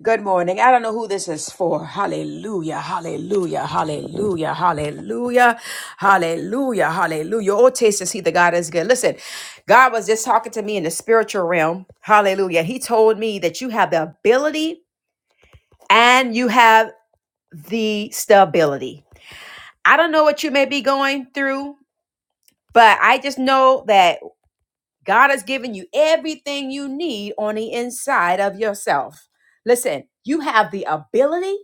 Good morning. I don't know who this is for. Hallelujah, hallelujah, hallelujah, hallelujah, hallelujah, hallelujah. Oh, taste and see that God is good. Listen, God was just talking to me in the spiritual realm. Hallelujah. He told me that you have the ability and you have the stability. I don't know what you may be going through, but I just know that God has given you everything you need on the inside of yourself. Listen, you have the ability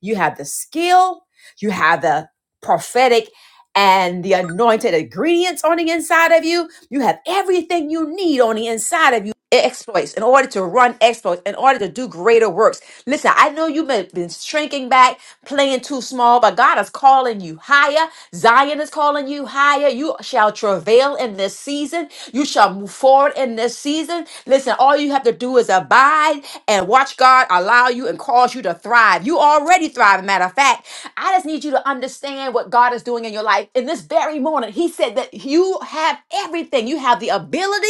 You have the skill, you have the prophetic and the anointed ingredients on the inside of you. You have everything you need on the inside of you. Exploits in order to run exploits, in order to do greater works. Listen, I know you've been been shrinking back, playing too small, but God is calling you higher. Zion is calling you higher. You shall travail in this season. You shall move forward in this season. Listen, all you have to do is abide and watch God allow you and cause you to thrive. You already thrive. Matter of fact, I just need you to understand what God is doing in your life. In this very morning, He said that you have everything. You have the ability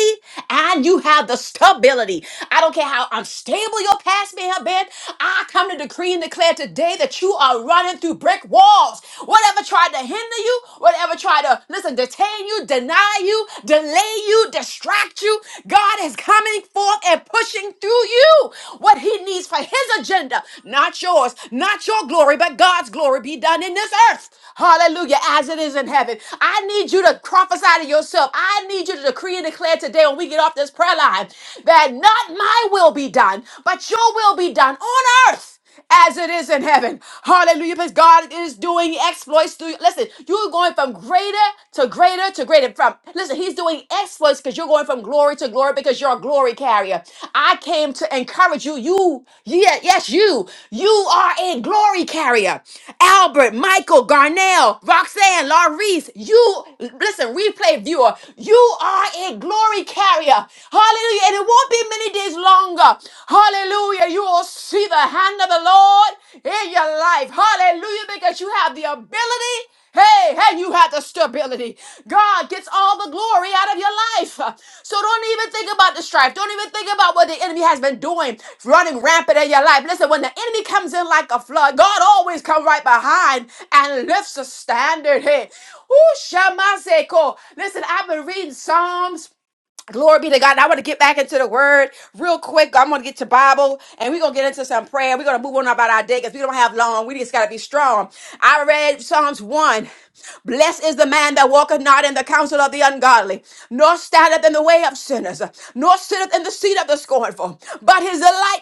and you have the stability. I don't care how unstable your past may have been. I come to decree and declare today that you are are running through brick walls. Whatever tried to hinder you, whatever tried to, listen, detain you, deny you, delay you, distract you, God is coming forth and pushing through you what He needs for His agenda, not yours, not your glory, but God's glory be done in this earth. Hallelujah, as it is in heaven. I need you to prophesy to yourself. I need you to decree and declare today when we get off this prayer line that not my will be done, but your will be done on earth as it is in heaven. Hallelujah. Because God is doing exploits through you. Listen, you're going from greater to greater to greater. From listen, He's doing exploits because you're going from glory to glory because you're a glory carrier. I came to encourage you. You, yeah, yes, you. You are a glory carrier. Albert, Michael, Garnell, Roxanne, Laurice, you listen, replay viewer, you are a glory carrier. Hallelujah. And it won't be many days long longer, hallelujah, you will see the hand of the Lord in your life. Hallelujah, because you have the ability. Hey, hey, you have the stability. God gets all the glory out of your life. So don't even think about the strife. Don't even think about what the enemy has been doing, running rampant in your life. Listen, when the enemy comes in like a flood, God always comes right behind and lifts the standard. Hey, who shall I say? Listen, I've been reading Psalms. Glory be to God. Now I want to get back into the word real quick. I'm going to get to Bible and we're going to get into some prayer. We're going to move on about our day because we don't have long. We just got to be strong. I read Psalms 1. Blessed is the man that walketh not in the counsel of the ungodly, nor standeth in the way of sinners, nor sitteth in the seat of the scornful. But his delight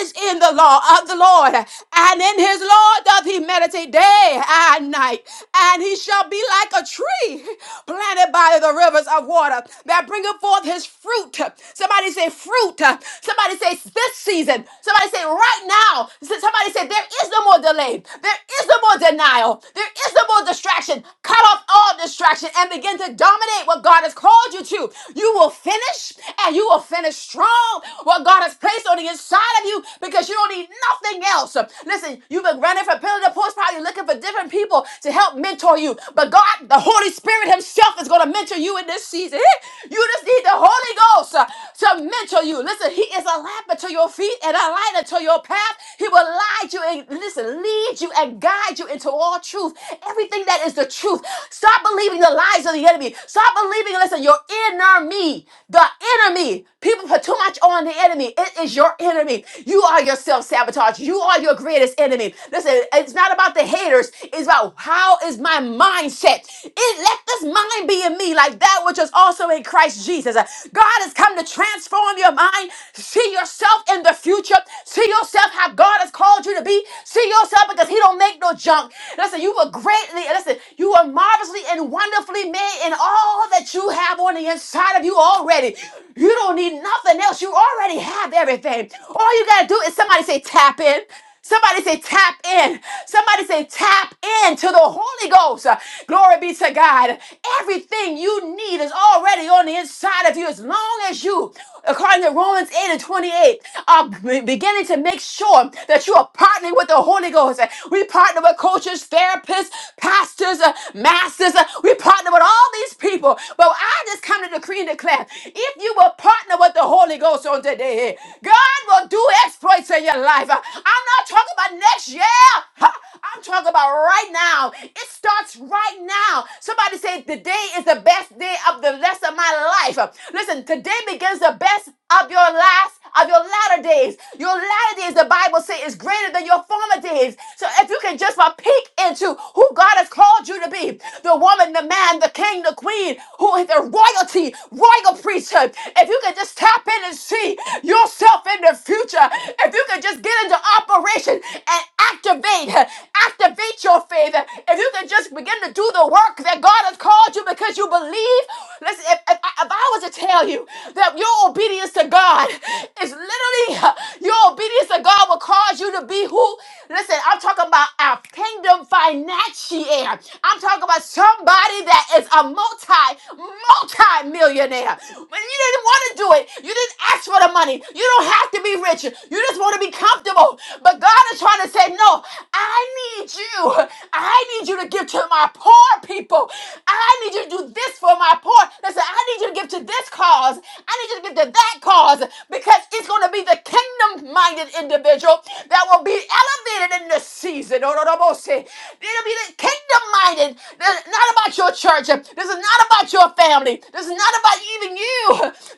is in the law of the Lord, and in his law doth he meditate day and night. And he shall be like a tree planted planted by the rivers of water that bringeth forth his fruit. Somebody say fruit. Somebody say this season. Somebody say right now. Somebody say there is no more delay. There is no more denial. There is no more distraction. Cut off all distraction and begin to dominate what God has called you to. You will finish and you will finish strong what God has placed on the inside of you because you don't need nothing else. Listen, you've been running from pillar to post, probably looking for different people to help help mentor you. But God, the Holy Spirit Himself is going to mentor you in this season. You just need the Holy Ghost uh, to mentor you. Listen, He is a lamp unto your feet and a light unto your path. He will guide you and listen, lead you and guide you into all truth. Everything that is the truth. Stop believing the lies of the enemy. Stop believing, listen, your enemy, the enemy. People put too much on the enemy. It is your enemy. You are your self sabotage. You are your greatest enemy. Listen, it's not about the haters. It's about how is my mindset. It let this mind be in me, like that which is also in Christ Jesus. Uh, God has come to transform your mind. See yourself in the future. See yourself how God has called you to be. See yourself because He don't make no junk. Listen, you were greatly. Listen, you were marvelously and wonderfully made in all that you have on the inside inside of you already. You don't need nothing else. You already have everything. All you got to do is somebody say, tap in. Somebody say, tap in. Somebody say, tap in to the Holy Ghost. Uh, Glory be to God. Everything you need is already on the inside of you as long as you, according to Romans 8 and 28, are b- beginning to make sure that you are partnering with the Holy Ghost. Uh, We partner with coaches, therapists, pastors, uh, masters. Uh, We partner with all these these people. But I just come to decree and declare if you will partner with the Holy Ghost on today, God will do exploits in your life. I'm not talking about next year. Huh? I'm talking about right now. It starts right now. Somebody say, Today is the best day of the rest of my life. Listen, today begins the best of your life best of your latter days. Your latter days, the Bible says, is greater than your former days. So if you can just uh, peek into who God has called you to be, the woman, the man, the king, the queen, who is the royalty, royal priesthood. If you can just tap in and see yourself in the future, if you can just get into operation and activate, activate your faith, if you can just begin to do the work that God has called you because you believe, listen, if, if, I, if I was to tell you that your obedience to God it's literally uh, your obedience to God will cause you to be who. Listen, I'm talking about a kingdom financier. I'm talking about somebody that is a multi, multi millionaire. When you didn't want to do it, you didn't ask for the money. You don't have to be rich. You just want to be comfortable. But God is trying to say, no, I need you. I need you to give to my poor people. I need you to do this for my poor. Listen, I need you to give to this cause. I need you to give to that cause us, because it's going to be the kingdom minded individual that will be elevated in this season. Oh, no, no, no, say. It'll be the kingdom minded. This is Not about your church. This is not about your family. This is not about even you.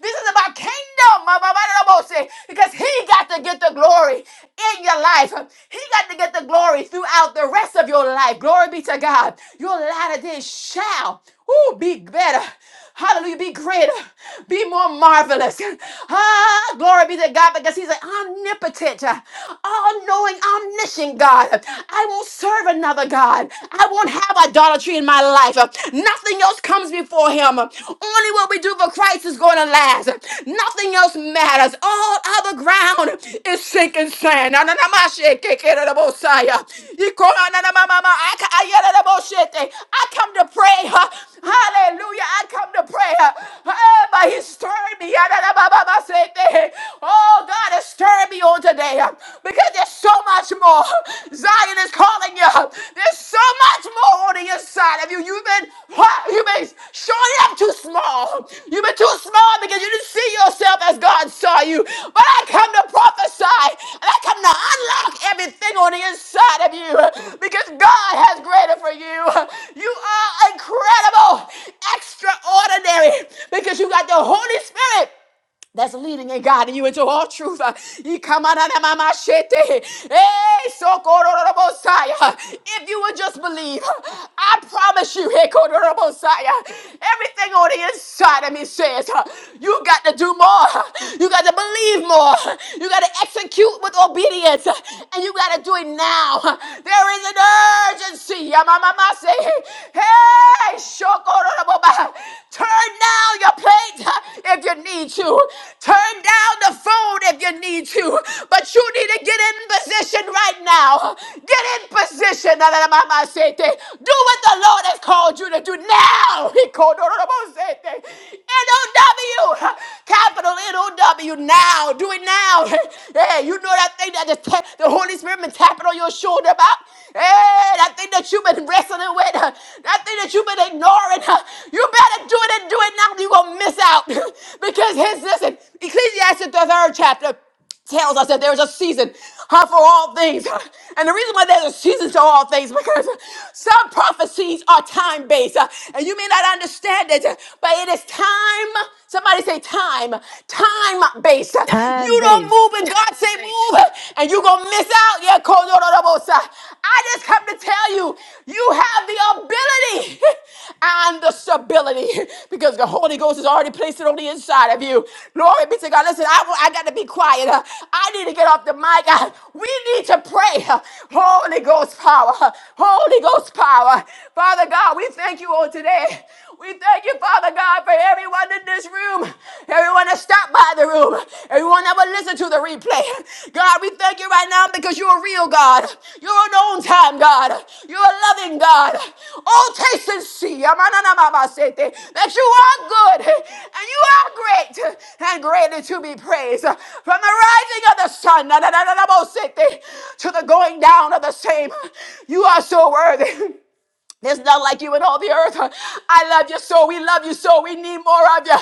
This is about kingdom. my, my, my, no, no, say, Because he got to get the glory in your life. He got to get the glory throughout the rest of your life. Glory be to God. Your latter days shall ooh, be better. Hallelujah. Be greater. Be more marvelous. Ah, glory be to God because He's an omnipotent, all knowing, omniscient God. I won't serve another God. I won't have idolatry in my life. Nothing else comes before Him. Only what we do for Christ is going to last. Nothing else matters. All other ground is this sinking sand. Ananamashe kekerabosaya. Ikoranamamama. Aka- ayerabosete. I come to pray. huh? Hallelujah. I come to pray. huh? Ah, But he stirred me. Ananamamamasete. Oh, God has stirred me on today huh? because there's so much more. Zion is calling you. huh? There's so much more on the inside of you. You've been huh, you've been showing up too small. You've been too small because you didn't see yourself as God saw you. But I come to prophesy and I come to unlock everything on the inside of you because God has greater for you. You are incredible, extraordinary because you got the Holy Spirit that's leading and guiding you into all truth. Uh, he come out of my- eh. Hey, so kororobosai, uh, If you would just believe, uh, I promise you, hey, kororobosai, uh, everything on the inside of me says uh, you got to do more. Uh, You got to believe more. Uh, You got to execute with obedience, uh, and you got to do it now. Uh, There is an urgency. Yamamamase. Hey, so Turn down your plate if you need to. Turn down the phone if you need to. But you need to get in position right now. Get in position. Do what the Lord has called you to do now. He called N-O-W. Capital N-O-W. Now. Do it now. Hey, you know that thing that the, ta- the Holy Spirit been tapping on your shoulder about? Hey, that thing that you've been wrestling with, uh, that thing that you've been ignoring, uh, you better do it and do it now. You're going to miss out. because his, listen, Ecclesiastes, the third chapter, tells us that there's a season huh, for all things. huh? And the reason why there's a season to all things because some prophecies are time based. uh, And you may not understand it, but it is time. Somebody say time, time based. You Time don't I'm based. moving. God say move, and you gonna miss out. Yeah, Kodorabosa. I just come to tell you, you have the ability and the stability because the Holy Ghost has already placed it on the inside of you. Glory be to God. Listen, I, wa- I got to be quiet. Uh, I need to get off the mic. Uh, We need to pray. Uh, Holy Ghost power. Uh, Holy Ghost power. Father God, we thank you all today. We thank you, Father God, for everyone in this room, everyone that stopped by the room, everyone that will listen to the replay. God, we thank you right now because you're a real God. You're an on time God. You're a loving God. All taste and see amananamabasete, that you are good and you are great and greatly to be praised. From the rising of the sun nananamabosete, to the going down of the same, you are so worthy. There's none like you in all the earth. I love you so. We love you so. We need more of you.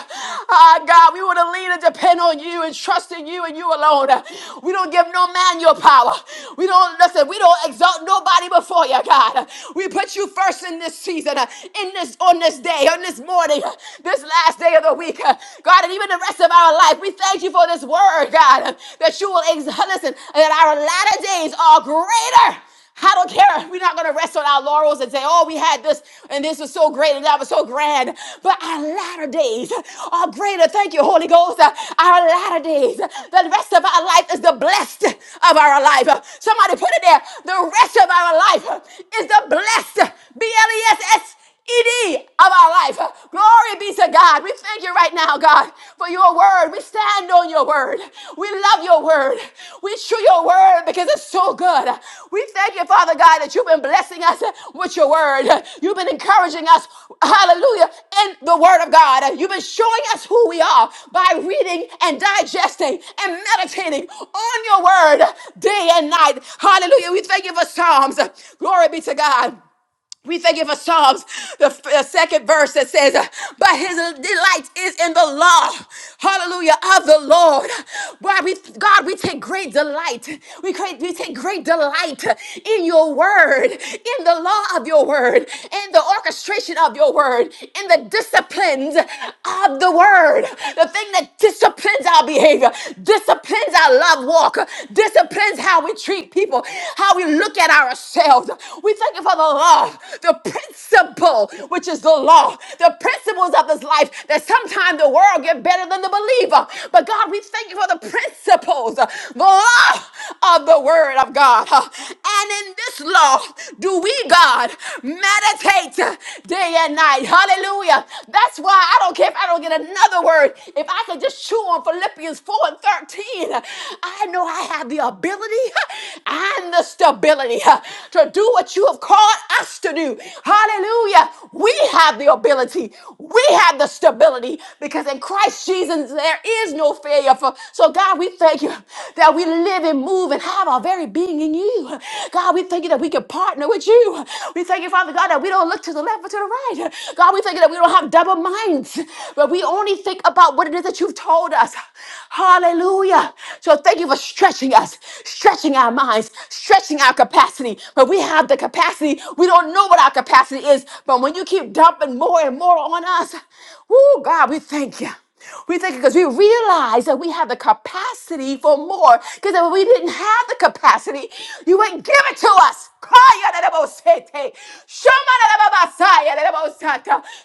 Ah, God, we want to lean and depend on you and trust in you and you alone. We don't give no man your power. We don't, listen, we don't exalt nobody before you, God. We put you first in this season, in this, on this day, on this morning, this last day of the week. God, and even the rest of our life, we thank you for this word, God, that you will, ex- listen, that our latter days are greater I don't care. We're not going to rest on our laurels and say, oh, we had this and this was so great and that was so grand. But our latter days are greater. Thank you, Holy Ghost. Our latter days, the rest of our life is the blessed of our life. Somebody put it there. The rest of our life is the blessed. B L E S S. Ed of our life. Glory be to God. We thank you right now, God, for your word. We stand on your word. We love your word. We chew your word because it's so good. We thank you, Father God, that you've been blessing us with your word. You've been encouraging us, hallelujah, in the word of God. You've been showing us who we are by reading and digesting and meditating on your word day and night. Hallelujah. We thank you for Psalms. Glory be to God. We thank you for Psalms, the, f- the second verse that says, uh, But his delight is in the law, hallelujah, of the Lord. Why we, God, we take great delight. We, create, we take great delight in your word, in the law of your word, in the orchestration of your word, in the disciplines of the word, the thing that disciplines our behavior, disciplines our love walk, disciplines how we treat people, how we look at ourselves. We thank you for the law, the principle, which is the law, the principles of this life that sometimes the world get better than the believer. But God, we thank you for the principles, the law of the word of God. And in this law do we, God, meditate day and night. Hallelujah. That's why I don't care if I don't get another word. If I could just chew on Philippians 4 and 13, I know I have the ability and the stability uh, to do what you have called us to do. Hallelujah. We have the ability. We have the stability because in Christ Jesus there is no failure. For so God, we thank you that we live and move and have our very being in you. God, we thank you that we can partner with you. We thank you, Father God, that we don't look to the left or to the right. God, we thank you that we don't have double minds, but we only think about what it is what it is that you've told us. Hallelujah. So thank you for stretching us, stretching our minds, stretching our capacity. But we have the capacity. We don't know what our capacity is. But when you keep dumping more and more on us, oh God, we thank you. We think because we realize that we have the capacity for more. Because if we didn't have the capacity, you wouldn't give it to us.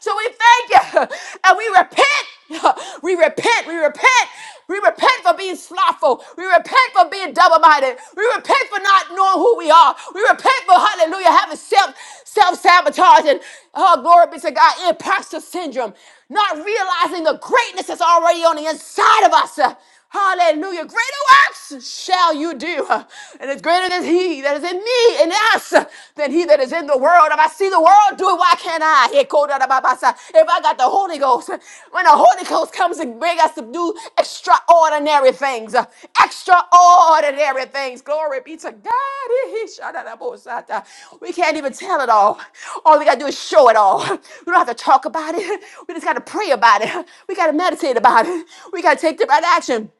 So so we thank you and we repent. We repent. We repent. We repent for being slothful. We repent for being double-minded. We repent for not knowing who we are. We repent for hallelujah having self self-sabotage and oh glory be to God imposter syndrome, not realizing the greatness that's already on the inside of us. Hallelujah. Greater works shall you do. And it's greater than he that is in me and us than he that is in the world. If I see the world do it, why can't I? Ekodadababasa. If I got the Holy Ghost, when the Holy Ghost comes and brings us to do extraordinary things, extraordinary things. Glory be to God. Ishadadabosata. We can't even tell it all. All we got to do is show it all. We don't have to talk about it. We just got to pray about it. We got to meditate about it. We got to take take right action.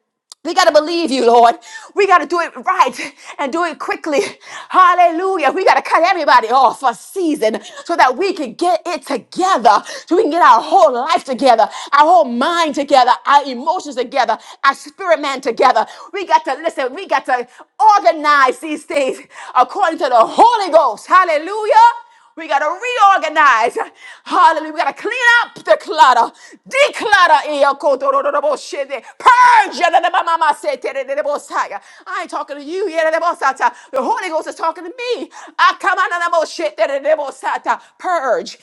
We got to believe you, Lord. We got to do it right and do it quickly. Hallelujah. We got to cut everybody off a season so that we can get it together, so we can get our whole life together, our whole mind together, our emotions together, our spirit man together. We got to listen. We got to organize these things according to the Holy Ghost. Hallelujah. We got to reorganize. Hallelujah. We got to clean up the clutter. Declutter. Eh, Purge. I ain't talking to you. The Holy Ghost is talking to me. Ah, Purge.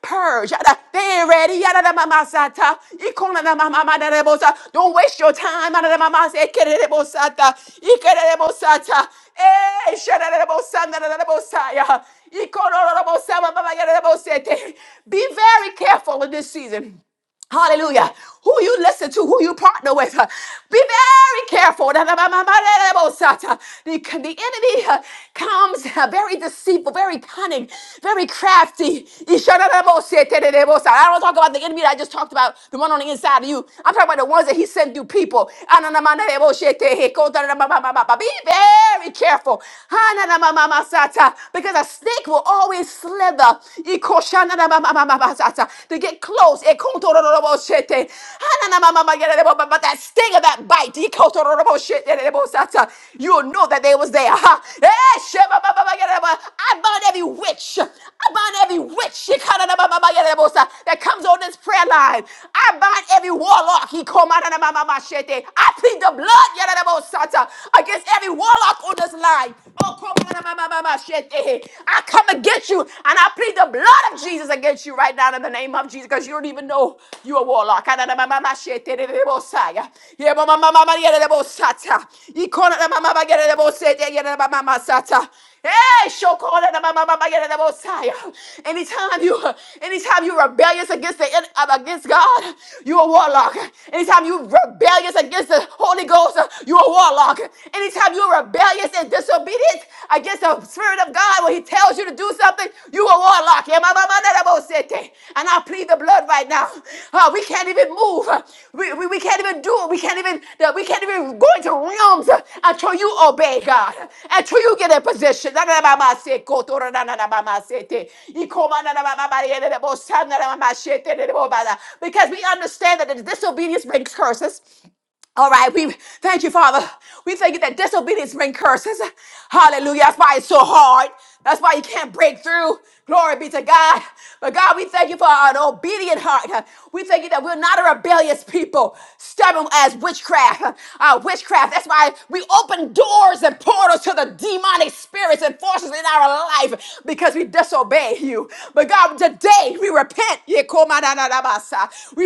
Purge. They ain't ready. Don't waste your time. Eh, Be very careful in this season. Hallelujah. Who you listen to, who you partner with. uh, Be very careful. The, the enemy uh, comes uh, very deceitful, very cunning, very crafty. I don't talk about the enemy that I just talked about, the one on the inside of you. I'm talking about the ones that he sent through people. Ah, Be very careful. Ah, Because a snake will always slither to get close. But that sting of that bite, you'll know that they was there. I bind every witch. I bind every witch that comes on this prayer line. I bind every warlock. I plead the blood against every warlock on this line. I come against you and I plead the blood of Jesus against you right now in the name of Jesus because you don't even know you're a warlock. Hey, Shokona na mama mama yere na bosaya. anytime you anytime you rebellious against the uh, against God, you a warlock. Anytime you rebellious against the Holy Ghost, uh, you a warlock. Anytime you're rebellious and disobedient against the Spirit of God, when He tells you to do something, you are warlock. And I plead the blood right now. Uh, we can't even move. Uh, We, we, we can't even do it. We can't even uh, we can't even go into realms uh, until you obey God. Until you get in position. Because we understand that the disobedience brings curses. All right, we thank you, Father. We thank you that disobedience brings curses. Hallelujah. That's why it's so hard. That's why you can't break through. Glory be to God. But God, we thank you for an obedient heart. We thank you that we're not a rebellious people, stubborn as witchcraft. Uh, witchcraft. That's why we open doors and portals to the demonic spirits and forces in our life because we disobey you. But God, today we repent. We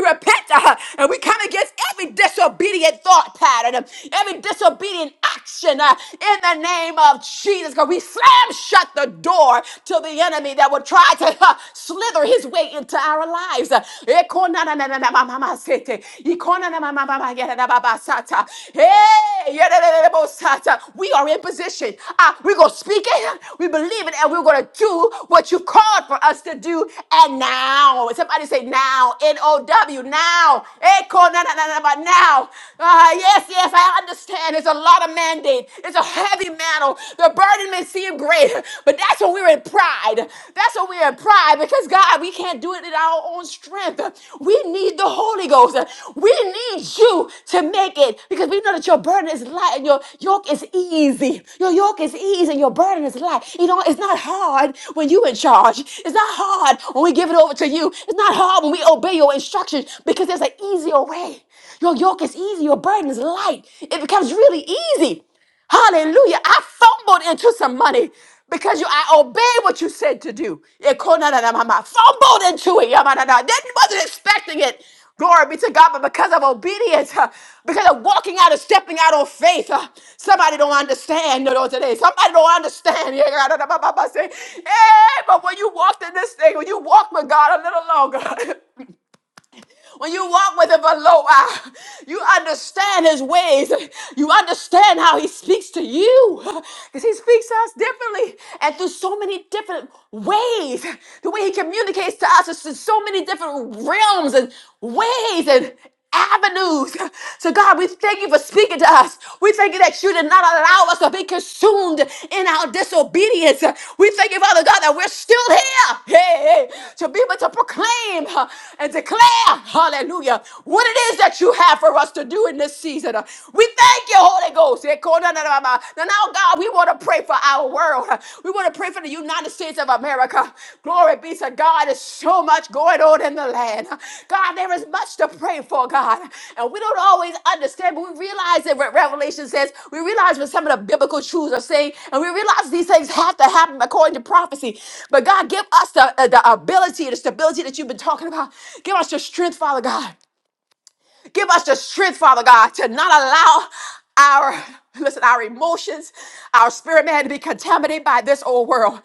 repent uh, and we come against every disobedient thought pattern, um, every disobedient action uh, in the name of Jesus. Because we slam shut the door to the enemy that would try to uh, slither his way into our lives. Uh, Ekonananananamamasete, ikonanamamamayaranababasata. Hey, yadadadadabosata. we are in position. Uh, we're going to speak it, we believe it, and we're going to do what you called for us to do. And now, somebody say now, N O W, now. Eko na na na na. But now, ah, yes, yes, I understand. It's a lot of mandate. It's a heavy mantle. The burden may seem great, but that's when we're in pride. That's when we're in pride because God, we can't do it in our own strength. We need the Holy Ghost. We need you to make it because we know that your burden is light and your yoke is easy. Your yoke is easy and your burden is light. You know, it's not hard when you are in charge. It's not hard when we give it over to you. It's not hard when we obey your instructions option because there's an easier way. Your yoke is easy, your burden is light. It becomes really easy. Hallelujah. I fumbled into some money because you I obeyed what you said to do. Yeah, ko- na- na- na- ma- ma. Fumbled into it. Yeah, ma- na- na. Didn't wasn't expecting it. Glory be to God, but because of obedience, uh, because of walking out and stepping out on faith, uh, somebody don't understand you know, today. Somebody don't understand. Yeah, God, da- da- ba- ba- ba- say, hey, but when you walked in this thing, when you walked with God a little longer, When you walk with him for a little while, you understand his ways. You understand how he speaks to you because he speaks to us differently and through so many different ways. The way he communicates to us is in so many different realms and ways. and avenues. So, God, we thank you for speaking to us. We thank you that you did not allow us to be consumed in our disobedience. We thank you, Father God, that we're still here hey, hey, to be able to proclaim uh, and declare, hallelujah, what it is that you have for us to do in this season. Uh, We thank you, Holy Ghost. Now, now, God, we want to pray for our world. Lord. We want to pray for the United States of America. Glory be to God. There's so much going on in the land. God, there is much to pray for, God. And we don't always understand, but we realize that what Revelation says, we realize what some of the biblical truths are saying, and we realize these things have to happen according to prophecy. But God, give us the, the ability, the stability that you've been talking about. Give us your strength, Father God. Give us the strength, Father God, to not allow our listen, our emotions, our spirit man to be contaminated by this old world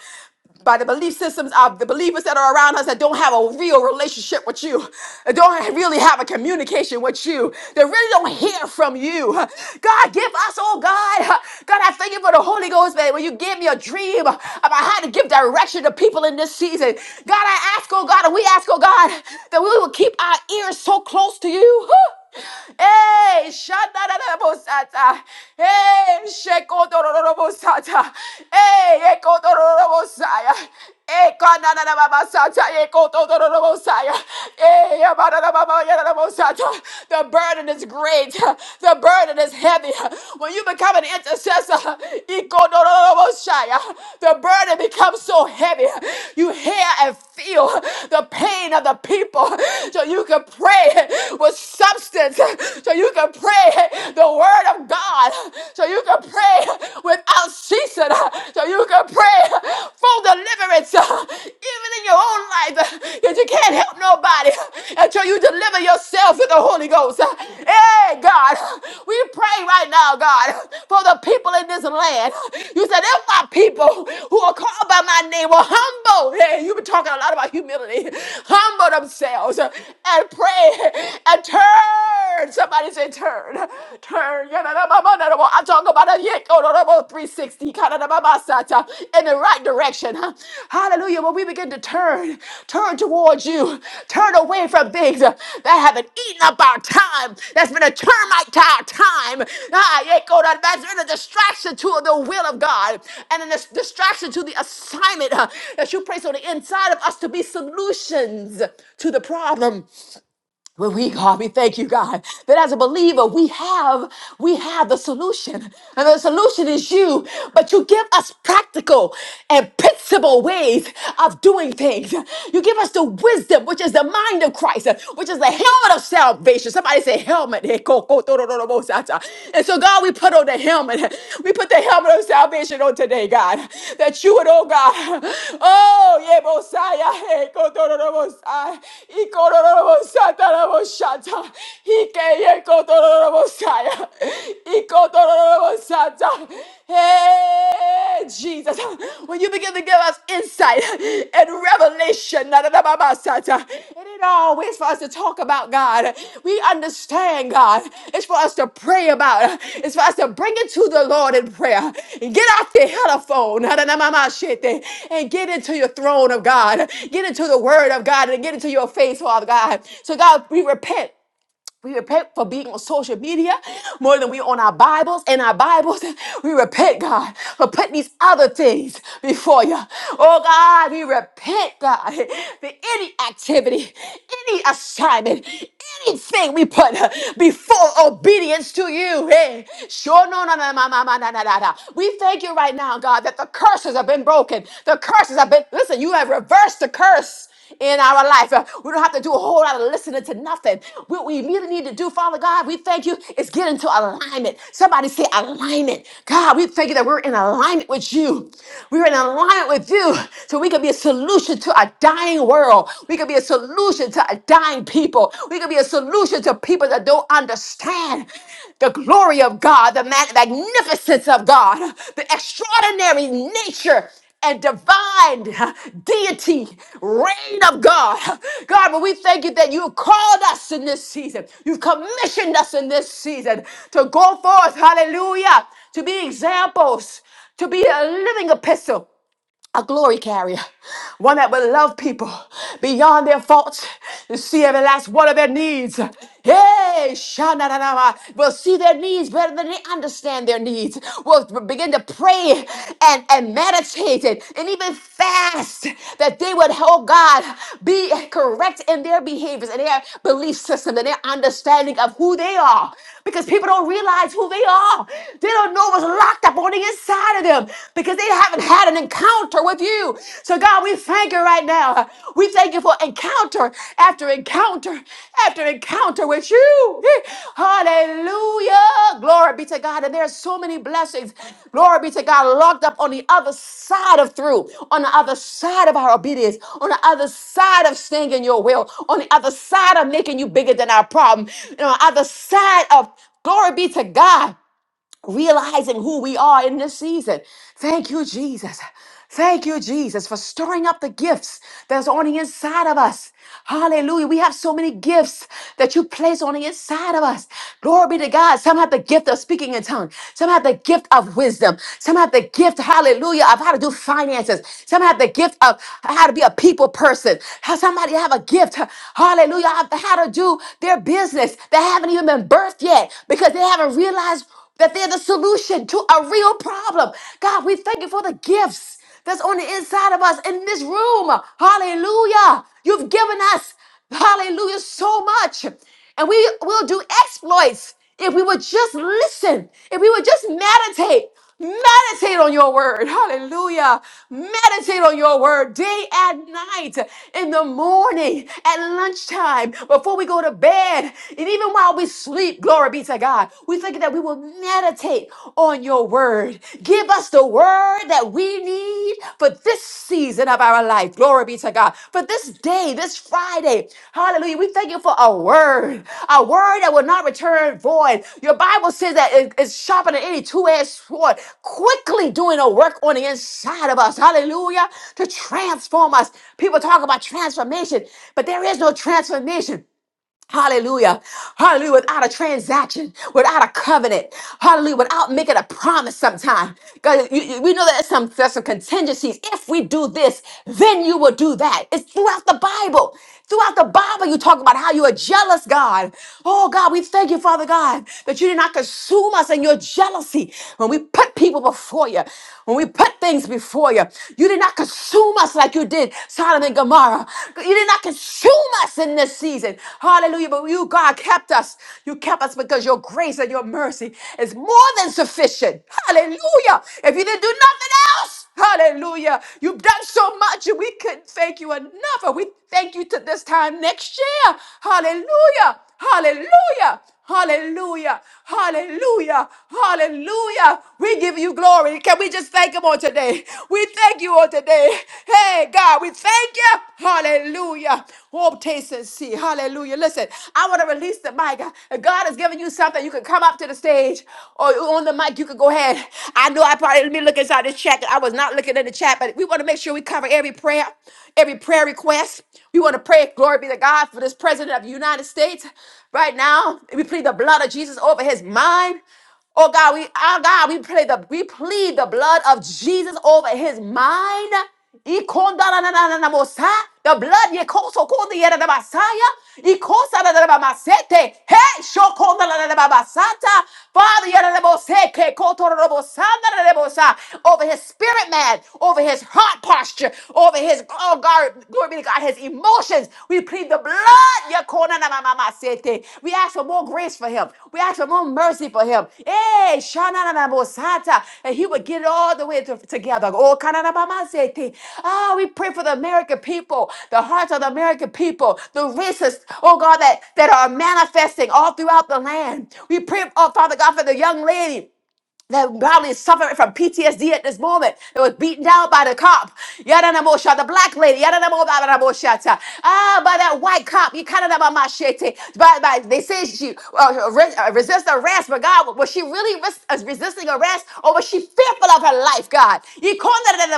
by the belief systems of the believers that are around us that don't have a real relationship with you, that don't really have a communication with you, that really don't hear from you. God, give us, oh God, God, I thank you for the Holy Ghost, man. When you gave me a dream about how to give direction to people in this season, God, I ask, oh God, and we ask, oh God, that we will keep our ears so close to you you. Hey, Shadarabosata. Hey, Shekotorobosata. Hey, Ekotorobosaya. Hey, Kananabasata. Ekotorobosaya. Hey, Abadabababosata. The burden is great. The burden is heavy. When you become an intercessor, Ekotorobosaya, the burden becomes so heavy. You hear and feel the pain of the people so you can pray. with substance so you can pray the word of God, so you can pray without ceasing, so you can pray for deliverance, even in your own life, because you can't help nobody until you deliver yourself with the Holy Ghost. Hey, God, we pray right now, God, for the people in this land. You said, if my people who are called by my name will humble, hey, you've been talking a lot about humility, humble themselves and pray pray and turn. Somebody say turn. Turn. I talk about a yet 360 kadarababasata, in the right direction. huh? Hallelujah. When we begin to turn, turn towards you, turn away from things uh, that have been eating up our time, that's been a termite to our time. Ah, yet kodarabasa, That's been a distraction to the will of God and a dis- distraction to the assignment huh, that you place on the inside of us to be solutions to the problem. Well, we God, we thank you, God, that as a believer, we have we have the solution. And the solution is you, but you give us practical and principle ways of doing things. You give us the wisdom, which is the mind of Christ, which is the helmet of salvation. Somebody say helmet. And so, God, we put on the helmet helmet. We put the helmet of salvation on today, God. That you would, oh God. Oh, yeah, Mosiah. Hey, Kotororobosai. Ikororobosataraboshata. Ike, yeah, Kotororobosai. Ikotororobosata. Hey, Jesus. When you begin to give us insight, and revelation. It ain't always for us to talk about God. We understand God. It's for us to pray about. It's for us to bring it to the Lord in prayer. Get off the telephone and get into your throne of God. Get into the word of God and get into your face, Father God. So God, we repent. We repent for being on social media more than we on our Bibles and our Bibles. We repent, God, for putting these other things before you. Oh, God, we repent, God, for any activity, any assignment, anything we put before obedience to you. Hey, sure, no, no, no, no, no, no, no, no, no. no. We thank you right now, God, that the curses have been broken. The curses have been, listen, you have reversed the curse in our life. Uh, We don't have to do a whole lot of listening to nothing. What we immediately need to do, Father God, we thank you, is get into alignment. Somebody say alignment. God, we thank you that we're in alignment with you. We're in alignment with you so we can be a solution to a dying world. We can be a solution to a dying people. We can be a solution to people that don't understand the glory of God, the mag- magnificence of God, the extraordinary nature and divine deity, reign of God. God, but we thank you that you have called us in this season. You've commissioned us in this season to go forth, hallelujah, to be examples, to be a living epistle a glory carrier, one that will love people beyond their faults, to see every last one of their needs. Hey, shananama, will see their needs better than they understand their needs. Will begin to pray and, and meditate it, and even fast that they would, oh God, be correct in their behaviors and their belief system and their understanding of who they are because people don't realize who they are. They don't know what's locked up on the inside of them because they haven't had an encounter with you. So, God, we thank you right now. We thank you for encounter after encounter after encounter with you. Hallelujah. Oh, Glory be to God. And there are so many blessings. Glory be to God. Locked up on the other side of through, on the other side of our obedience, on the other side of staying in your will, on the other side of making you bigger than our problem, on the other side of glory be to God realizing who we are in this season. Thank you, Jesus. Thank you, Jesus, for stirring up the gifts that's on the inside of us. Hallelujah. We have so many gifts that you place on the inside of us. Glory be to God. Some have the gift of speaking in tongues. Some have the gift of wisdom. Some have the gift, hallelujah, of how to do finances. Some have the gift of how to be a people person. How somebody have a gift, hallelujah, of how to do their business that haven't even been birthed yet because they haven't realized that they're the solution to a real problem. God, we thank you for the gifts that's on the inside of us in this room. Hallelujah. You've given us, hallelujah, so much. And we will do exploits if we would just listen, if we would just meditate. Meditate on your word. Hallelujah. Meditate on your word day and night, in the morning, at lunchtime, before we go to bed, and even while we sleep. Glory be to God. We think that we will meditate on your word. Give us the word that we need for this season of our our life. Glory be to God. For this day, this Friday, hallelujah, we thank you for a word, a word that will not return void. Your Bible says that it- it's sharper than any two edged sword, quickly doing a work on the inside of us. Hallelujah, to transform us. People talk about transformation, but there is no transformation. Hallelujah. Hallelujah. Without a transaction, without a covenant. Hallelujah. Without making a promise sometime. God, you- you- we know that there's some, there's some contingencies. If we do this, then you will do that. It's throughout the Bible. Throughout the Bible, you talk about how you are jealous, God. Oh, God, we thank you, Father God, that you did not consume us in your jealousy when we put people before you, when we put things before you. You did not consume consume us like you did Sodom and Gomorrah. You did not consume us in this season. Hallelujah. But you, God, kept us. You kept us because your grace and your mercy is more than sufficient. Hallelujah. If you didn't do nothing else, hallelujah. You've done so much and we couldn't thank you enough. And we thank you to this time next year. Hallelujah. Hallelujah. Hallelujah. Hallelujah. Hallelujah. We give you glory. Can we just thank him on today? We thank you on today. Hey, God, we thank you. Hallelujah. Oh, taste and see. Hallelujah. Listen, I want to release the mic. God has given you something. You can come up to the stage or on the mic. You can go ahead. I know I probably, let me look inside the chat. I was not looking in the chat, but we want to make sure we cover every prayer, every prayer request. We want to pray, glory be to God, for this president of the United States right now. We plead the blood of Jesus over his mind. Oh God, we our God, we plead the we plead the blood of Jesus over his mind. Ikondanananamosa. The blood yekoso kondiyera basaya. Ikosa da da da masete. Hey, shokonda da da ba basata. Father, yera da boseke koto da da bosanda da da bosa. over his spirit man, over over his heart posture, over his, oh God, glory be to God, his emotions. We plead the blood. Yakona na ma ma ma sete. We ask for more grace for him. We ask for more mercy for him. Eh, shana na na mo sata. And he would get it all the way to- together. Oh, kana na ma ma sete. Ah, we pray for the American people, the hearts of the American people, the racists, oh God, that, that are manifesting all throughout the land. We pray, oh Father God, for the young lady that probably is suffering from PTSD at this moment. They was beaten down by the cop. Yadanamosha, the black lady. Yadanamosha. Ah, by that white cop. You kind of machete. By, by, they say she uh, re- uh, resist arrest, but God, was she really res- uh, resisting arrest or was she fearful of her life, God? You call that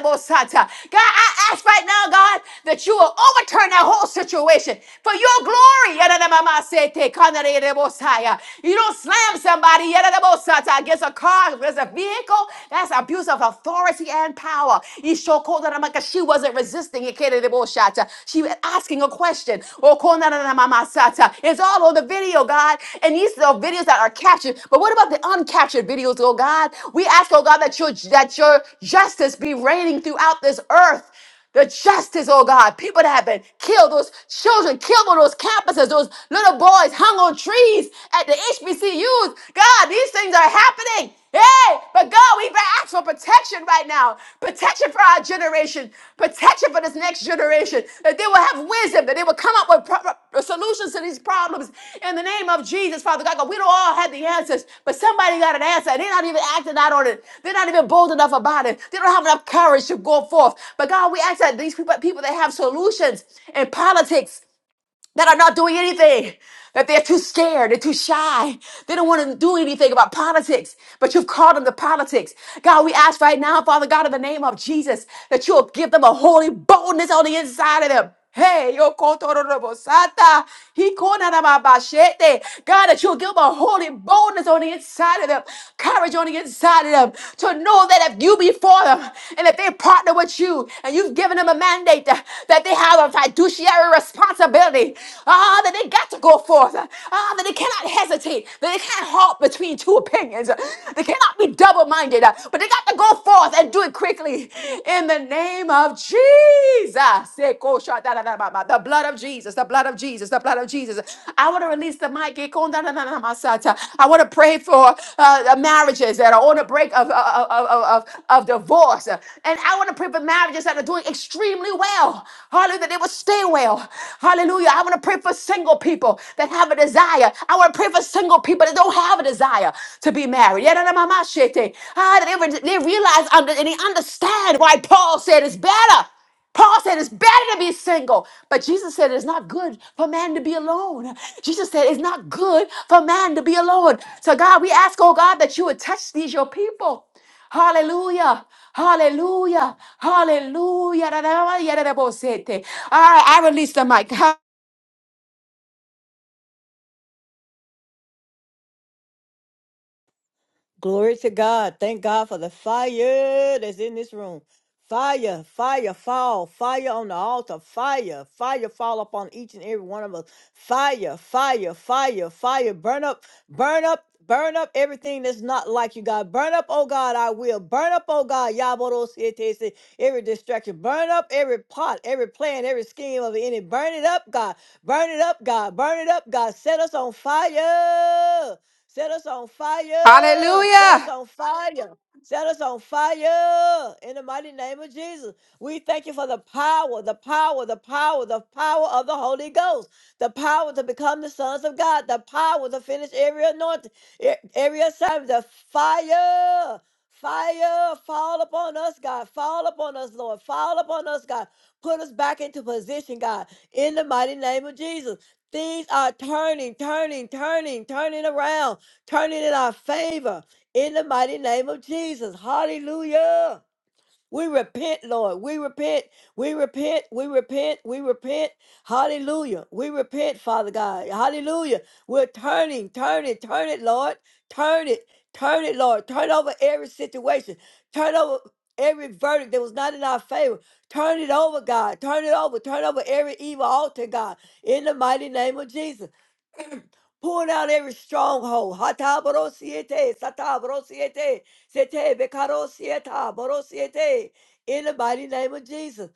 God, I ask right now, God, that you will overturn that whole situation for your glory. Yadanamama sete, kanare de most high. You don't slam I am somebody. Yadadabosata. Against a car, against a vehicle. That's abuse of authority and power. Ishokodanamaka. She wasn't resisting it. Kedadabosata. She was asking a question. Okonananamasata. It's all on the video, God. And these are videos that are captured. But what about the uncaptured videos, oh God? We ask, oh God, that your that your justice be reigning throughout this earth. The justice, oh God, people that have been killed, those children killed on those campuses, those little boys hung on trees at the HBCUs. God, these things are happening. Hey, but God, we ask for protection right now. Protection for our generation. Protection for this next generation that they will have wisdom, that they will come up with pro- pro- solutions to these problems in the name of Jesus, Father God. God, We don't all have the answers, but somebody got an answer. They're not even acting out on it. They're not even bold enough about it. They don't have enough courage to go forth. But God, we ask that these people, people that have solutions in politics, that are not doing anything, that they're too scared, they're too shy, they don't want to do anything about politics, but you've called them to politics. God, we ask right now, Father God, in the name of Jesus, that you'll give them a holy boldness on the inside of them. Hey, yo kotororobosata, hikonanamabashete. God, that you'll give them a holy boldness on the inside of them, courage on the inside of them, to know that if you be for them and if they partner with you and you've given them a mandate that they have a fiduciary responsibility responsibility. Ah, that they got to go forth. Ah, that they cannot hesitate. That they can't halt between two opinions. They cannot be double minded. But they got to go forth and do it quickly. In the name of Jesus. Eko shata da da ba ba. The blood of Jesus. The blood of Jesus. The blood of Jesus. I want to release the mic. Eko da da da da ma sata. I want to pray for uh, marriages that are on the break of, of, of, of, of divorce. And I want to pray for marriages that are doing extremely well. Hallelujah. That they will stay pay well. Hallelujah. I want to pray for single people that have a desire. I want to pray for single people that don't have a desire to be married. Yeah, no, no, mama, shit, eh. Ah, they, re- they realize under, and they understand why Paul said it's better. Paul said it's better to be single, but Jesus said it's not good for man to be alone. Jesus said it's not good for man to be alone. So, God, we ask, oh God, that you would touch these, your people. Hallelujah. Hallelujah. Hallelujah. All right, I release the mic. Ha- Glory to God. Thank God for the fire that's in this room. Fire, fire, fall, fire on the altar, fire, fire, fall upon each and every one of us. Fire, fire, fire, fire, burn up, burn up, burn up everything that's not like you, God. Burn up, oh God, I will. Burn up, oh God, Yabodo every distraction. Burn up every pot, every plan, every scheme of the enemy. Burn it up, God. Burn it up, God. Burn it up, God. Set us on fire. Set us on fire. Set us Hallelujah. on fire. Set us on fire in the mighty name of Jesus. We thank you for the power, the power, the power, the power of the Holy Ghost, the power to become the sons of God, the power to finish every anointing, e- every assignment, the fire. Fire, fall upon us, God. Fall upon us, Lord. Fall upon us, God. Put us back into position, God, in the mighty name of Jesus. Things are turning, turning, turning, turning around. Turn it in our favor in the mighty name of Jesus. Hallelujah. We repent, Lord. We repent. We repent. We repent. We repent. Hallelujah. We repent, Father God. Hallelujah. We're turning, turning, turn it, Lord. Turn it. Turn it, Lord. Turn over every situation. Turn over every verdict that was not in our favor. Turn it over, God. Turn it over. Turn over every evil altar, God. In the mighty name of Jesus. Pull down every stronghold. Hatabrosiete, satabrosiete. Sete bekarosieta borosiete. In the mighty name of Jesus.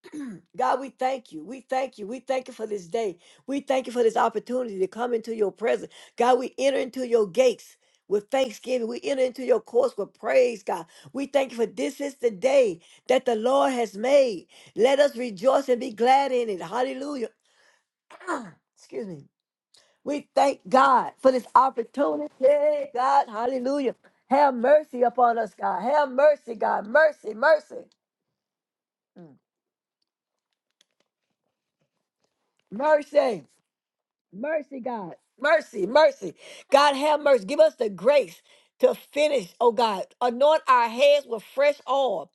God, we thank you. We thank you. We thank you for this day. We thank you for this opportunity to come into your presence. God, we enter into your gates with thanksgiving. We enter into your courts with praise, God. We thank you for this is the day that the Lord has made. Let us rejoice and be glad in it. Hallelujah. Excuse me. We thank God for this opportunity. God, hallelujah. Have mercy upon us, God. Have mercy, God. Mercy, mercy. Mm. Mercy. Mercy, God. Mercy, mercy. God, have mercy. Give us the grace to finish, oh God. Anoint our heads with fresh oil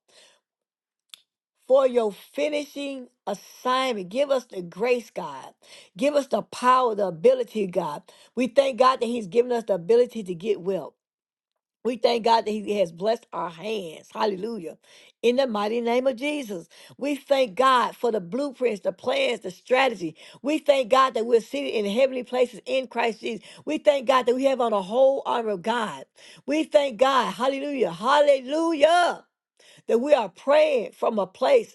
for your finishing assignment. Give us the grace, God. Give us the power, the ability, God. We thank God that He's given us the ability to get well. We thank God that He has blessed our hands. Hallelujah. In the mighty name of Jesus. We thank God for the blueprints, the plans, the strategy. We thank God that we're seated in heavenly places in Christ Jesus. We thank God that we have on a whole armor of God. We thank God, hallelujah, hallelujah, that we are praying from a place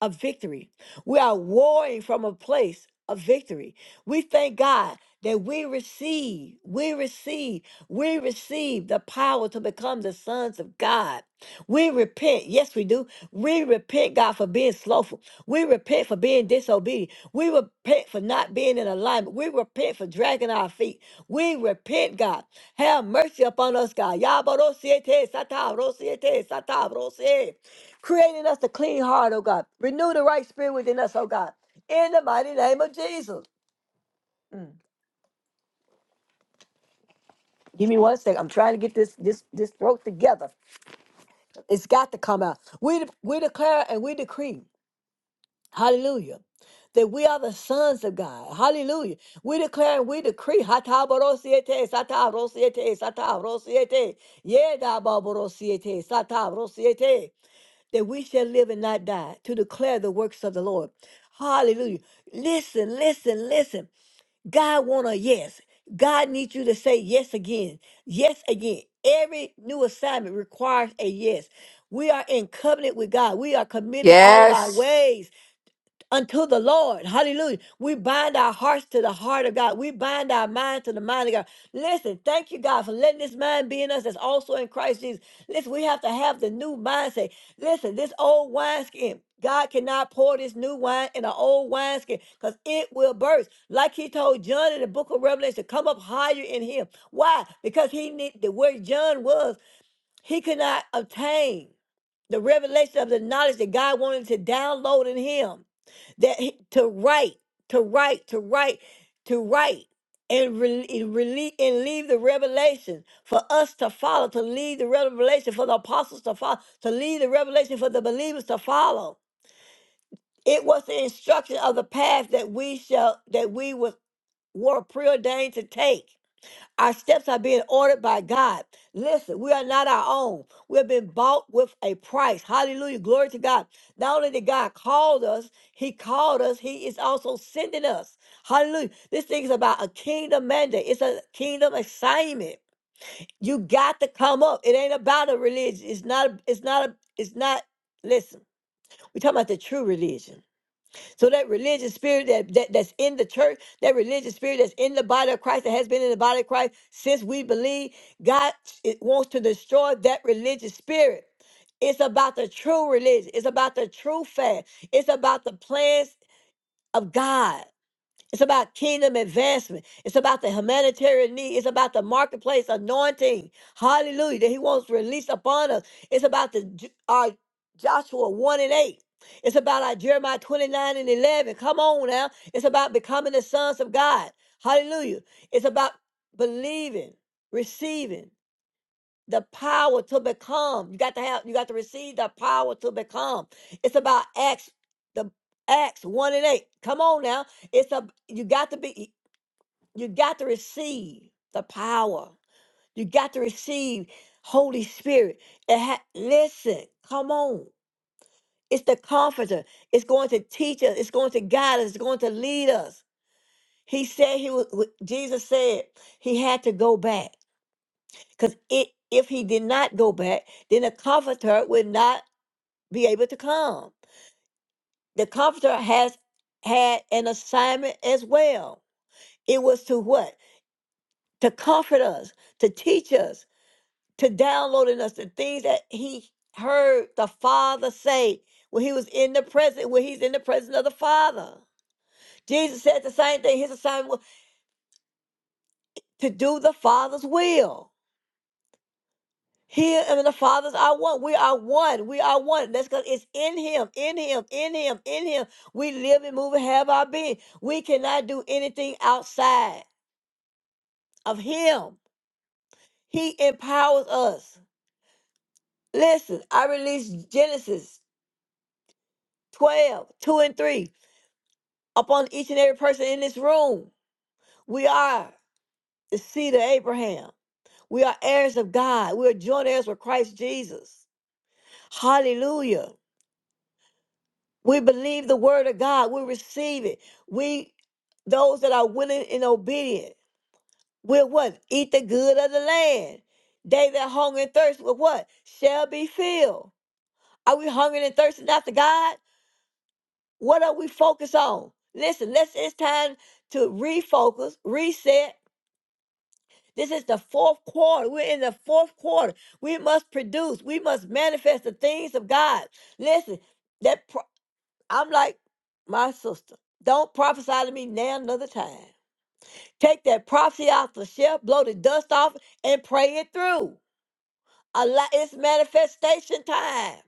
of victory. We are warring from a place of victory. We thank God that we receive, we receive, we receive the power to become the sons of God. We repent. Yes, we do. We repent, God, for being slothful. We repent for being disobedient. We repent for not being in alignment. We repent for dragging our feet. We repent, God. Have mercy upon us, God. Yabarosiete, satarosiete, satarosiete. Creating us a clean heart, oh God. Renew the right spirit within us, oh God. In the mighty name of Jesus. Mm. Give me one second. I'm trying to get this this this throat together. It's got to come out. We de- we declare and we decree. Hallelujah. That we are the sons of God. Hallelujah. We declare and we decree. Hatabarosiete, satabrosiete, satabrosiete. Yedababrosiete, satabrosiete. that we shall live and not die to declare the works of the Lord. Hallelujah. Listen, listen, listen. God want a yes. God needs you to say yes again. Yes again. Every new assignment requires a yes. We are in covenant with God. We are committing all of our Yes. ways unto the Lord. Hallelujah. We bind our hearts to the heart of God. We bind our mind to the mind of God. Listen, thank you, God, for letting this mind be in us that's also in Christ Jesus. Listen, we have to have the new mindset. Listen, this old wineskin. God cannot pour this new wine in an old wineskin because it will burst. Like he told John in the book of Revelation, come up higher in him. Why? Because he need the where John was, he could not obtain the revelation of the knowledge that God wanted to download in him that he- to write, to write, to write, to write, and rele and rele- and leave the revelation for us to follow, to leave the revelation for the apostles to follow, to leave the revelation for the believers to follow. It was the instruction of the path that we shall that we was were preordained to take. Our steps are being ordered by God. Listen, we are not our own. We have been bought with a price. Hallelujah. Glory to God. Not only did God call us, He called us, He is also sending us. Hallelujah. This thing is about a kingdom mandate, it's a kingdom assignment. You got to come up. It ain't about a religion. It's not, it's not, a, it's not, listen, we're talking about the true religion. So that religious spirit that, that that's in the church, that religious spirit that's in the body of Christ, that has been in the body of Christ since we believe, God it wants to destroy that religious spirit. It's about the true religion. It's about the true faith. It's about the plans of God. It's about kingdom advancement. It's about the humanitarian need. It's about the marketplace anointing. Hallelujah. That he wants released upon us. It's about the J- our Joshua 1 and 8. It's about our Jeremiah 29 and 11. Come on now. It's about becoming the sons of God. Hallelujah. It's about believing, receiving the power to become. You got to have, you got to receive the power to become. It's about Acts, the Acts one and eight. Come on now. It's a you got to be, you got to receive the power. You got to receive Holy Spirit. It ha- listen, come on. It's the comforter. It's going to teach us. It's going to guide us. It's going to lead us. He said he was. Jesus said he had to go back. Because it, if he did not go back, then the comforter would not be able to come. The comforter has had an assignment as well. It was to what? To comfort us, to teach us, to download in us the things that he heard the Father say when he was in the presence, when he's in the presence of the Father. Jesus said the same thing. His assignment was to do the Father's will. Here and the Father's are one. We are one. We are one. That's because it's in Him, in Him, in Him, in Him. We live and move and have our being. We cannot do anything outside of Him. He empowers us. Listen, I release Genesis 12 2 and 3 upon each and every person in this room. We are the seed of Abraham. We are heirs of God. We are joint heirs with Christ Jesus. Hallelujah. We believe the word of God. We receive it. We, those that are willing and obedient, will what? Eat the good of the land. They that hunger and thirst will what? Shall be filled. Are we hungering and thirsting after God? What are we focused on? Listen, let's, it's time to refocus, reset. This is the fourth quarter. We're in the fourth quarter. We must produce. We must manifest the things of God. Listen, that I'm like my sister. Don't prophesy to me now another time. Take that prophecy off the shelf, blow the dust off, and pray it through. Allow, it's manifestation time.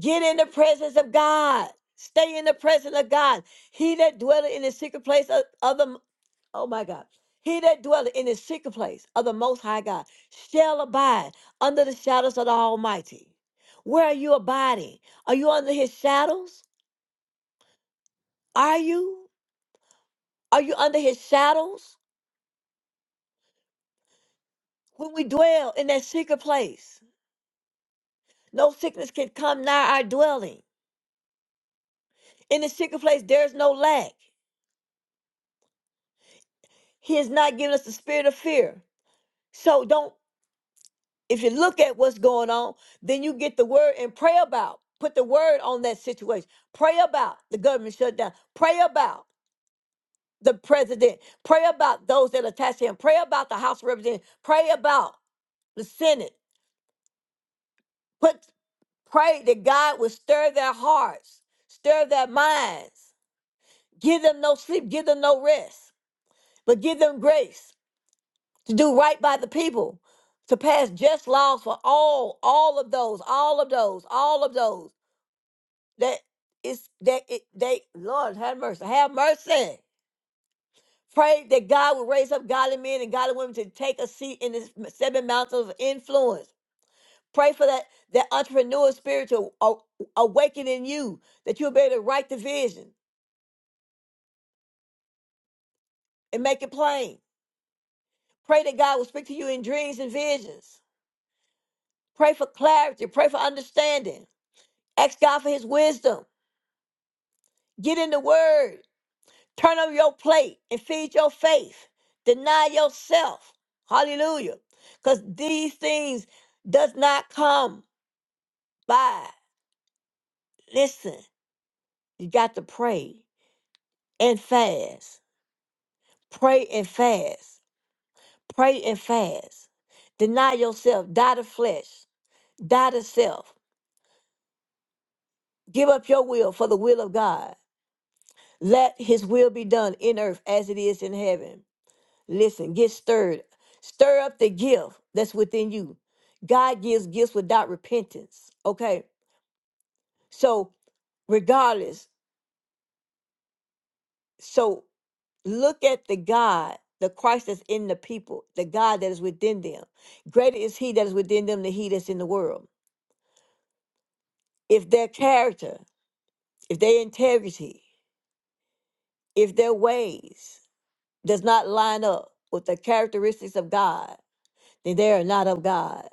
Get in the presence of God. Stay in the presence of God. He that dwelleth in the secret place of, of the oh my God. He that dwelleth in the secret place of the most high God shall abide under the shadows of the Almighty. Where are you abiding? Are you under his shadows? Are you? Are you under his shadows? When we dwell in that secret place, no sickness can come nigh our dwelling. In the secret place, there's no lack. He has not given us the spirit of fear. So don't, if you look at what's going on, then you get the word and pray about. Put the word on that situation. Pray about the government shutdown. Pray about the president. Pray about those that attach to him. Pray about the House of Representatives. Pray about the Senate. Put. Pray that God would stir their hearts, stir their minds. Give them no sleep, give them no rest, but give them grace to do right by the people, to pass just laws for all, all of those, all of those, all of those that is that it, they Lord have mercy, have mercy. Pray that God would raise up godly men and godly women to take a seat in the seven mountains of influence. Pray for that that entrepreneur spirit to a- awaken in you, that you'll be able to write the vision, and make it plain. Pray that God will speak to you in dreams and visions. Pray for clarity. Pray for understanding. Ask God for his wisdom. Get in the word. Turn over your plate and feed your faith. Deny yourself. Hallelujah. Because these things does not come by. Listen, you got to pray and fast. Pray and fast. Pray and fast. Deny yourself. Die to flesh. Die to self Give up your will for the will of God. Let his will be done in earth as it is in heaven. Listen, get stirred. Stir up the gift that's within you. God gives gifts without repentance. Okay. So, regardless, so look at the God, the Christ that's in the people, the God that is within them. Greater is he that is within them than he that's in the world. If their character, if their integrity, if their ways, does not line up with the characteristics of God, then they are not of God.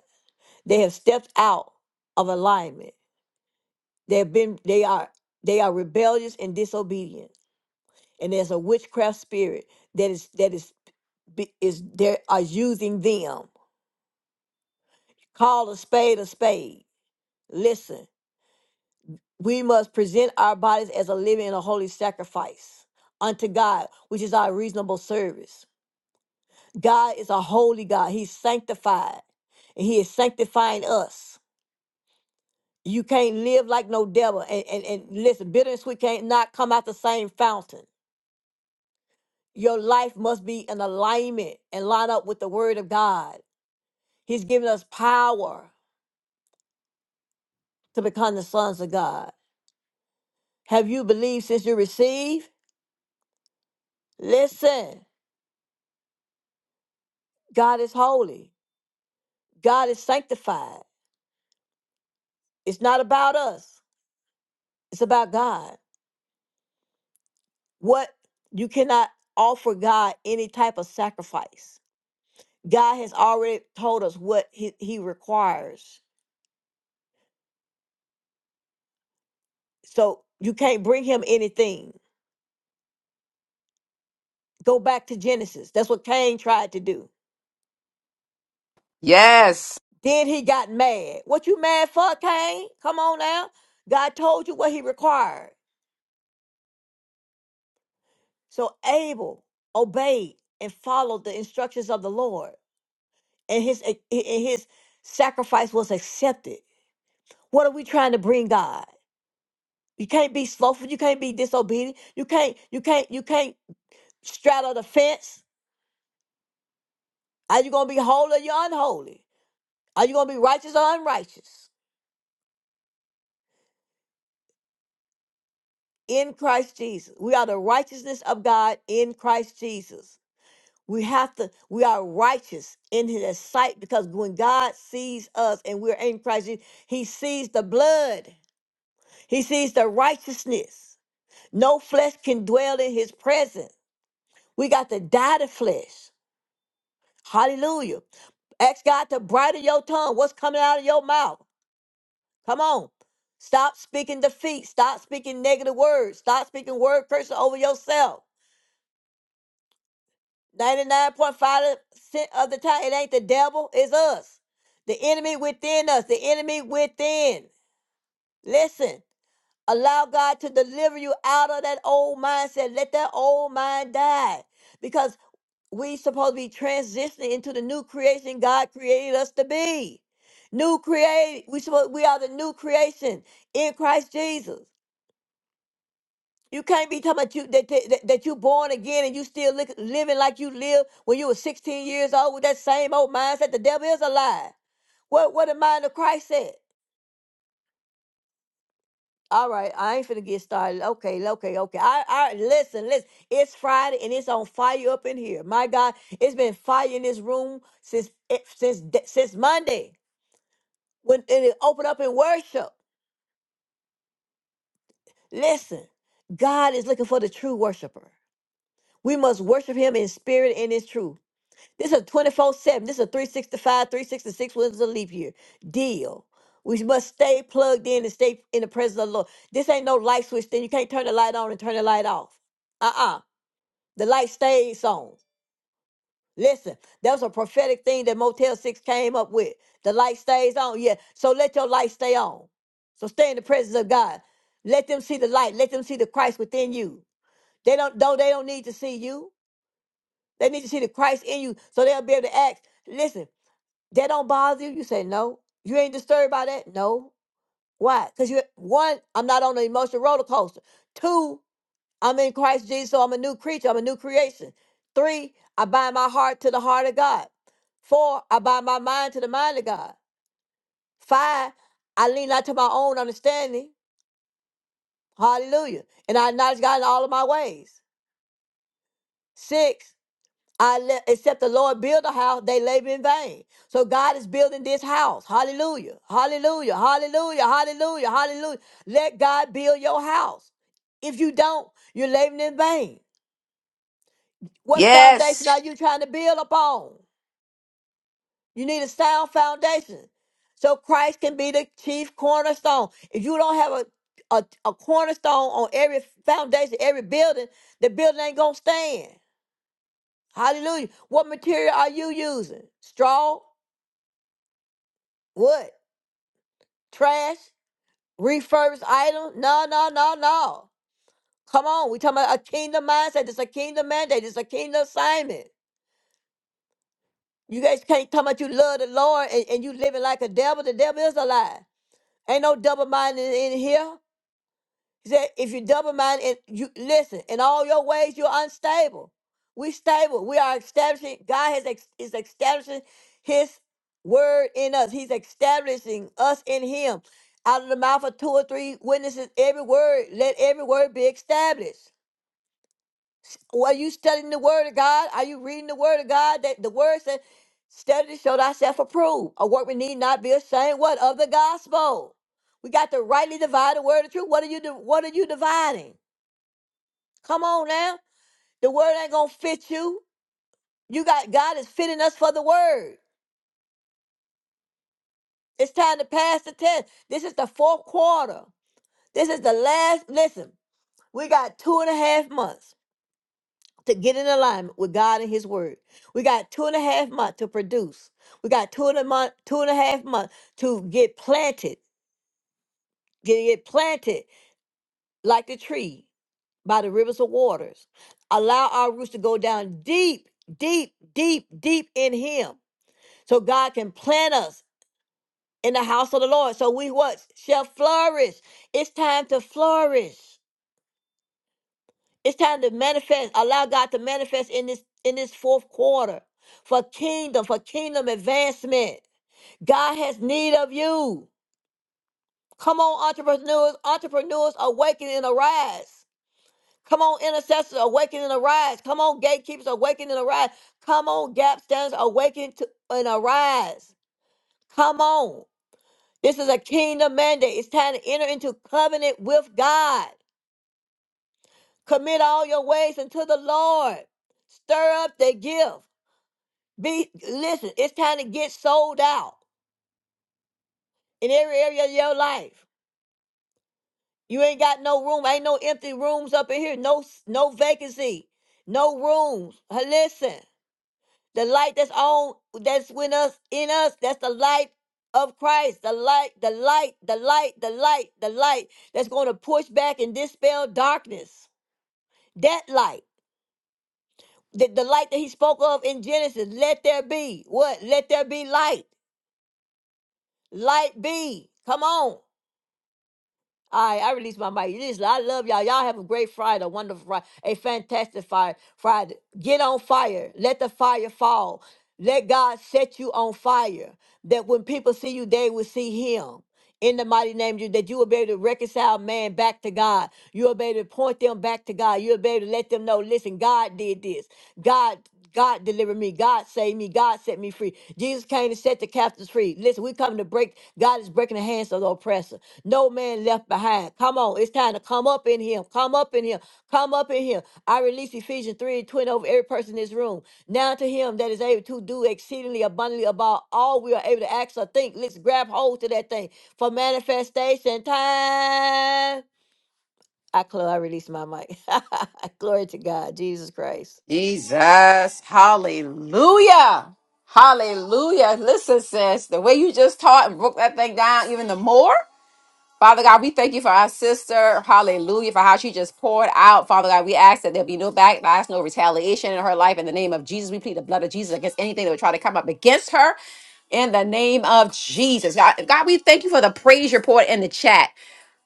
They have stepped out of alignment. They have been they are they are rebellious and disobedient. And there's a witchcraft spirit that is that is be- is there are using them. Call a spade a spade. Listen, we must present our bodies as a living and a holy sacrifice unto God, which is our reasonable service. God is a holy God. He's sanctified. And he is sanctifying us. You can't live like no devil. And, and, and listen, bitter and sweet can't not come out the same fountain. Your life must be in alignment and line up with the word of God. He's given us power to become the sons of God. Have you believed since you received? Listen, God is holy. God is sanctified. It's not about us. It's about God. What you cannot offer God any type of sacrifice. God has already told us what he, he requires. So you can't bring him anything. Go back to Genesis. That's what Cain tried to do. Yes. Then he got mad. What you mad for, Cain? Come on now. God told you what he required. So Abel obeyed and followed the instructions of the Lord, and his and his sacrifice was accepted. What are we trying to bring God? You can't be slothful. You can't be disobedient. You can't, you can't, you can't straddle the fence. Are you gonna be holy or you unholy? Are you gonna be righteous or unrighteous? In Christ Jesus. We are the righteousness of God in Christ Jesus. We have to, we are righteous in his sight because when God sees us and we're in Christ Jesus, he sees the blood. He sees the righteousness. No flesh can dwell in his presence. We got to die to flesh. Hallelujah. Ask God to bridle your tongue. What's coming out of your mouth? Come on. Stop speaking defeat. Stop speaking negative words. Stop speaking word curses over yourself. 99.5% of the time, it ain't the devil, it's us. The enemy within us. The enemy within. Listen, allow God to deliver you out of that old mindset. Let that old mind die. Because we supposed to be transitioning into the new creation God created us to be. New create we supposed we are the new creation in Christ Jesus. You can't be talking about you that that, that you born again and you still look, living like you lived when you were 16 years old with that same old mindset. The devil is a lie. What what the mind of Christ said? All right, I ain't finna get started. Okay, okay, okay. I, I listen, listen. It's Friday and it's on fire up in here. My God, it's been fire in this room since it- since d- since Monday when it opened up in worship. Listen, God is looking for the true worshiper. We must worship Him in spirit and in truth. This is a 24 7. This is a 365, 366 was a leap year deal. We must stay plugged in and stay in the presence of the Lord. This ain't no light switch thing. You can't turn the light on and turn the light off. Uh uh The light stays on. Listen, that was a prophetic thing that Motel 6 came up with. The light stays on. Yeah. So let your light stay on. So stay in the presence of God. Let them see the light. Let them see the Christ within you. They don't, though they don't need to see you. They need to see the Christ in you so they'll be able to act. Listen, that don't bother you? You say no. You ain't disturbed by that? No. Why? Because you one, I'm not on the emotional roller coaster. Two, I'm in Christ Jesus, so I'm a new creature. I'm a new creation. Three, I bind my heart to the heart of God. Four, I bind my mind to the mind of God. Five, I lean not to my own understanding. Hallelujah. And I acknowledge God in all of my ways. Six, I le- except the Lord build a house, they labor in vain. So God is building this house. Hallelujah. Hallelujah. Hallelujah. Hallelujah. Hallelujah. Let God build your house. If you don't, you're laboring in vain. What foundation Yes. Yes. are you trying to build upon? You need a sound foundation. So Christ can be the chief cornerstone. If you don't have a, a, a cornerstone on every foundation, every building, the building ain't gonna stand. Hallelujah. What material are you using? Straw? What? Trash? Refurbished item? No, no, no, no. Come on, we talking about a kingdom mindset. It's a kingdom mandate. It's a kingdom assignment. You guys can't talk about you love the Lord and, and you living like a devil. The devil is a lie. Ain't no double minded in here. He said, if you double minded, and you listen, in all your ways, you're unstable. We stable. We are establishing, God has ex, is establishing his word in us. He's establishing us in him. Out of the mouth of two or three witnesses, every word, let every word be established. Well, are you studying the word of God? Are you reading the word of God? That the word said, study to show thyself approved. A work we need not be ashamed. What of the gospel? We got to rightly divide the word of truth. What are you di- what are you dividing? Come on now. The word ain't gonna fit you. You got God is fitting us for the word. It's time to pass the test. This is the fourth quarter. This is the last. Listen, we got two and a half months to get in alignment with God and His word. We got two and a half months to produce. We got two and a month, two and a half months to get planted, get get planted like the tree by the rivers of waters. Allow our roots to go down deep, deep, deep, deep in Him so God can plant us in the house of the Lord. So we what shall flourish. It's time to flourish. It's time to manifest. Allow God to manifest in this in this fourth quarter for kingdom, for kingdom advancement. God has need of you. Come on, entrepreneurs, entrepreneurs, awaken and arise. Come on, intercessors, awaken and arise. Come on, gatekeepers, awaken and arise. Come on, gap standers, awaken to, and arise. Come on. This is a kingdom mandate. It's time to enter into covenant with God. Commit all your ways unto the Lord. Stir up the gift. Be listen, it's time to get sold out in every area of your life. You ain't got no room. Ain't no empty rooms up in here. No no vacancy. No rooms. Uh, Listen. The light that's on that's with us in us, that's the light of Christ. The light, the light, the light, the light, the light that's going to push back and dispel darkness. That light, the, the light that he spoke of in Genesis, let there be what? Let there be light. Light be. Come on. I I release my mic. Listen, I love y'all. Y'all have a great Friday, a wonderful Friday, a fantastic Friday. Friday. Get on fire. Let the fire fall. Let God set you on fire. That when people see you, they will see Him. In the mighty name of you, that you will be able to reconcile man back to God. You will be able to point them back to God. You will be able to let them know, listen, God did this. God, God delivered me. God saved me. God set me free. Jesus came to set the captives free. Listen, we come to break. God is breaking the hands of the oppressor. No man left behind. Come on. It's time to come up in him. Come up in him. Come up in him. I release Ephesians 3 and 20 over every person in this room. Now to him that is able to do exceedingly abundantly above all we are able to ask or think. Let's grab hold to that thing for manifestation time. I close. I release my mic. Glory to God. Jesus Christ. Jesus. Hallelujah. Hallelujah. Listen, sis, the way you just taught and broke that thing down even the more. Father God, we thank you for our sister. Hallelujah. For how she just poured out. Father God, we ask that there be no backlash, no retaliation in her life. In the name of Jesus, we plead the blood of Jesus against anything that would try to come up against her in the name of Jesus. God, God, we thank you for the praise report in the chat.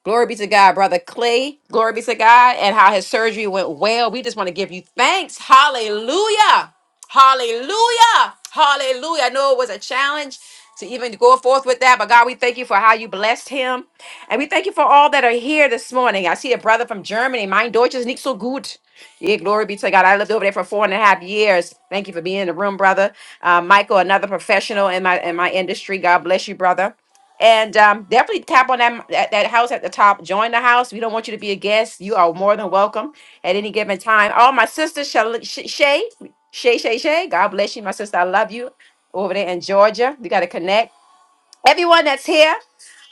Glory be to God, brother Clay. Glory be to God, and how his surgery went well. We just want to give you thanks. Hallelujah. Hallelujah. Hallelujah. I know it was a challenge to even go forth with that, but God, we thank you for how you blessed him. And we thank you for all that are here this morning. I see a brother from Germany. Mein Deutsch is nicht so gut. Yeah, glory be to God. I lived over there for four and a half years. Thank you for being in the room, brother. Uh, Michael, another professional in my in my industry. God bless you, brother. And um, definitely tap on that, that that house at the top. Join the house. We don't want you to be a guest. You are more than welcome at any given time. Oh, my sister Shal- Sh- Shay, Shay, Shay, Shay. God bless you, my sister. I love you over there in Georgia. We got to connect. Everyone that's here,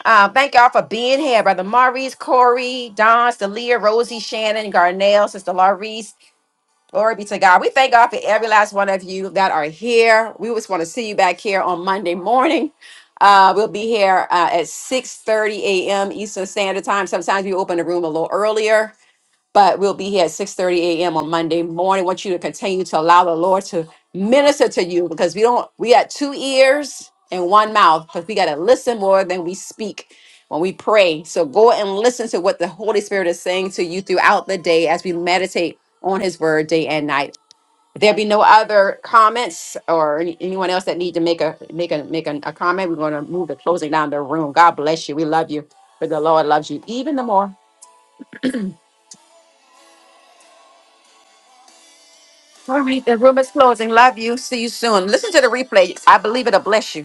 uh, thank y'all for being here. Brother Maurice, Corey, Don, Stelia, Rosie, Shannon, Garnell, Sister Laurice. Glory be to God. We thank God for every last one of you that are here. We just want to see you back here on Monday morning. Uh, we'll be here uh, at 6 30 a.m. Eastern Standard Time. Sometimes we open the room a little earlier but we'll be here at 6:30 a.m. on Monday morning. want you to continue to allow the Lord to minister to you because we don't we got two ears and one mouth because we got to listen more than we speak when we pray. So go and listen to what the Holy Spirit is saying to you throughout the day as we meditate on his word day and night. If there be no other comments or any- anyone else that need to make a make a make a, a comment, we're going to move to closing down the room. God bless you. We love you, but the Lord loves you even the more. All right, the room is closing. Love you. See you soon. Listen to the replay. I believe it'll bless you.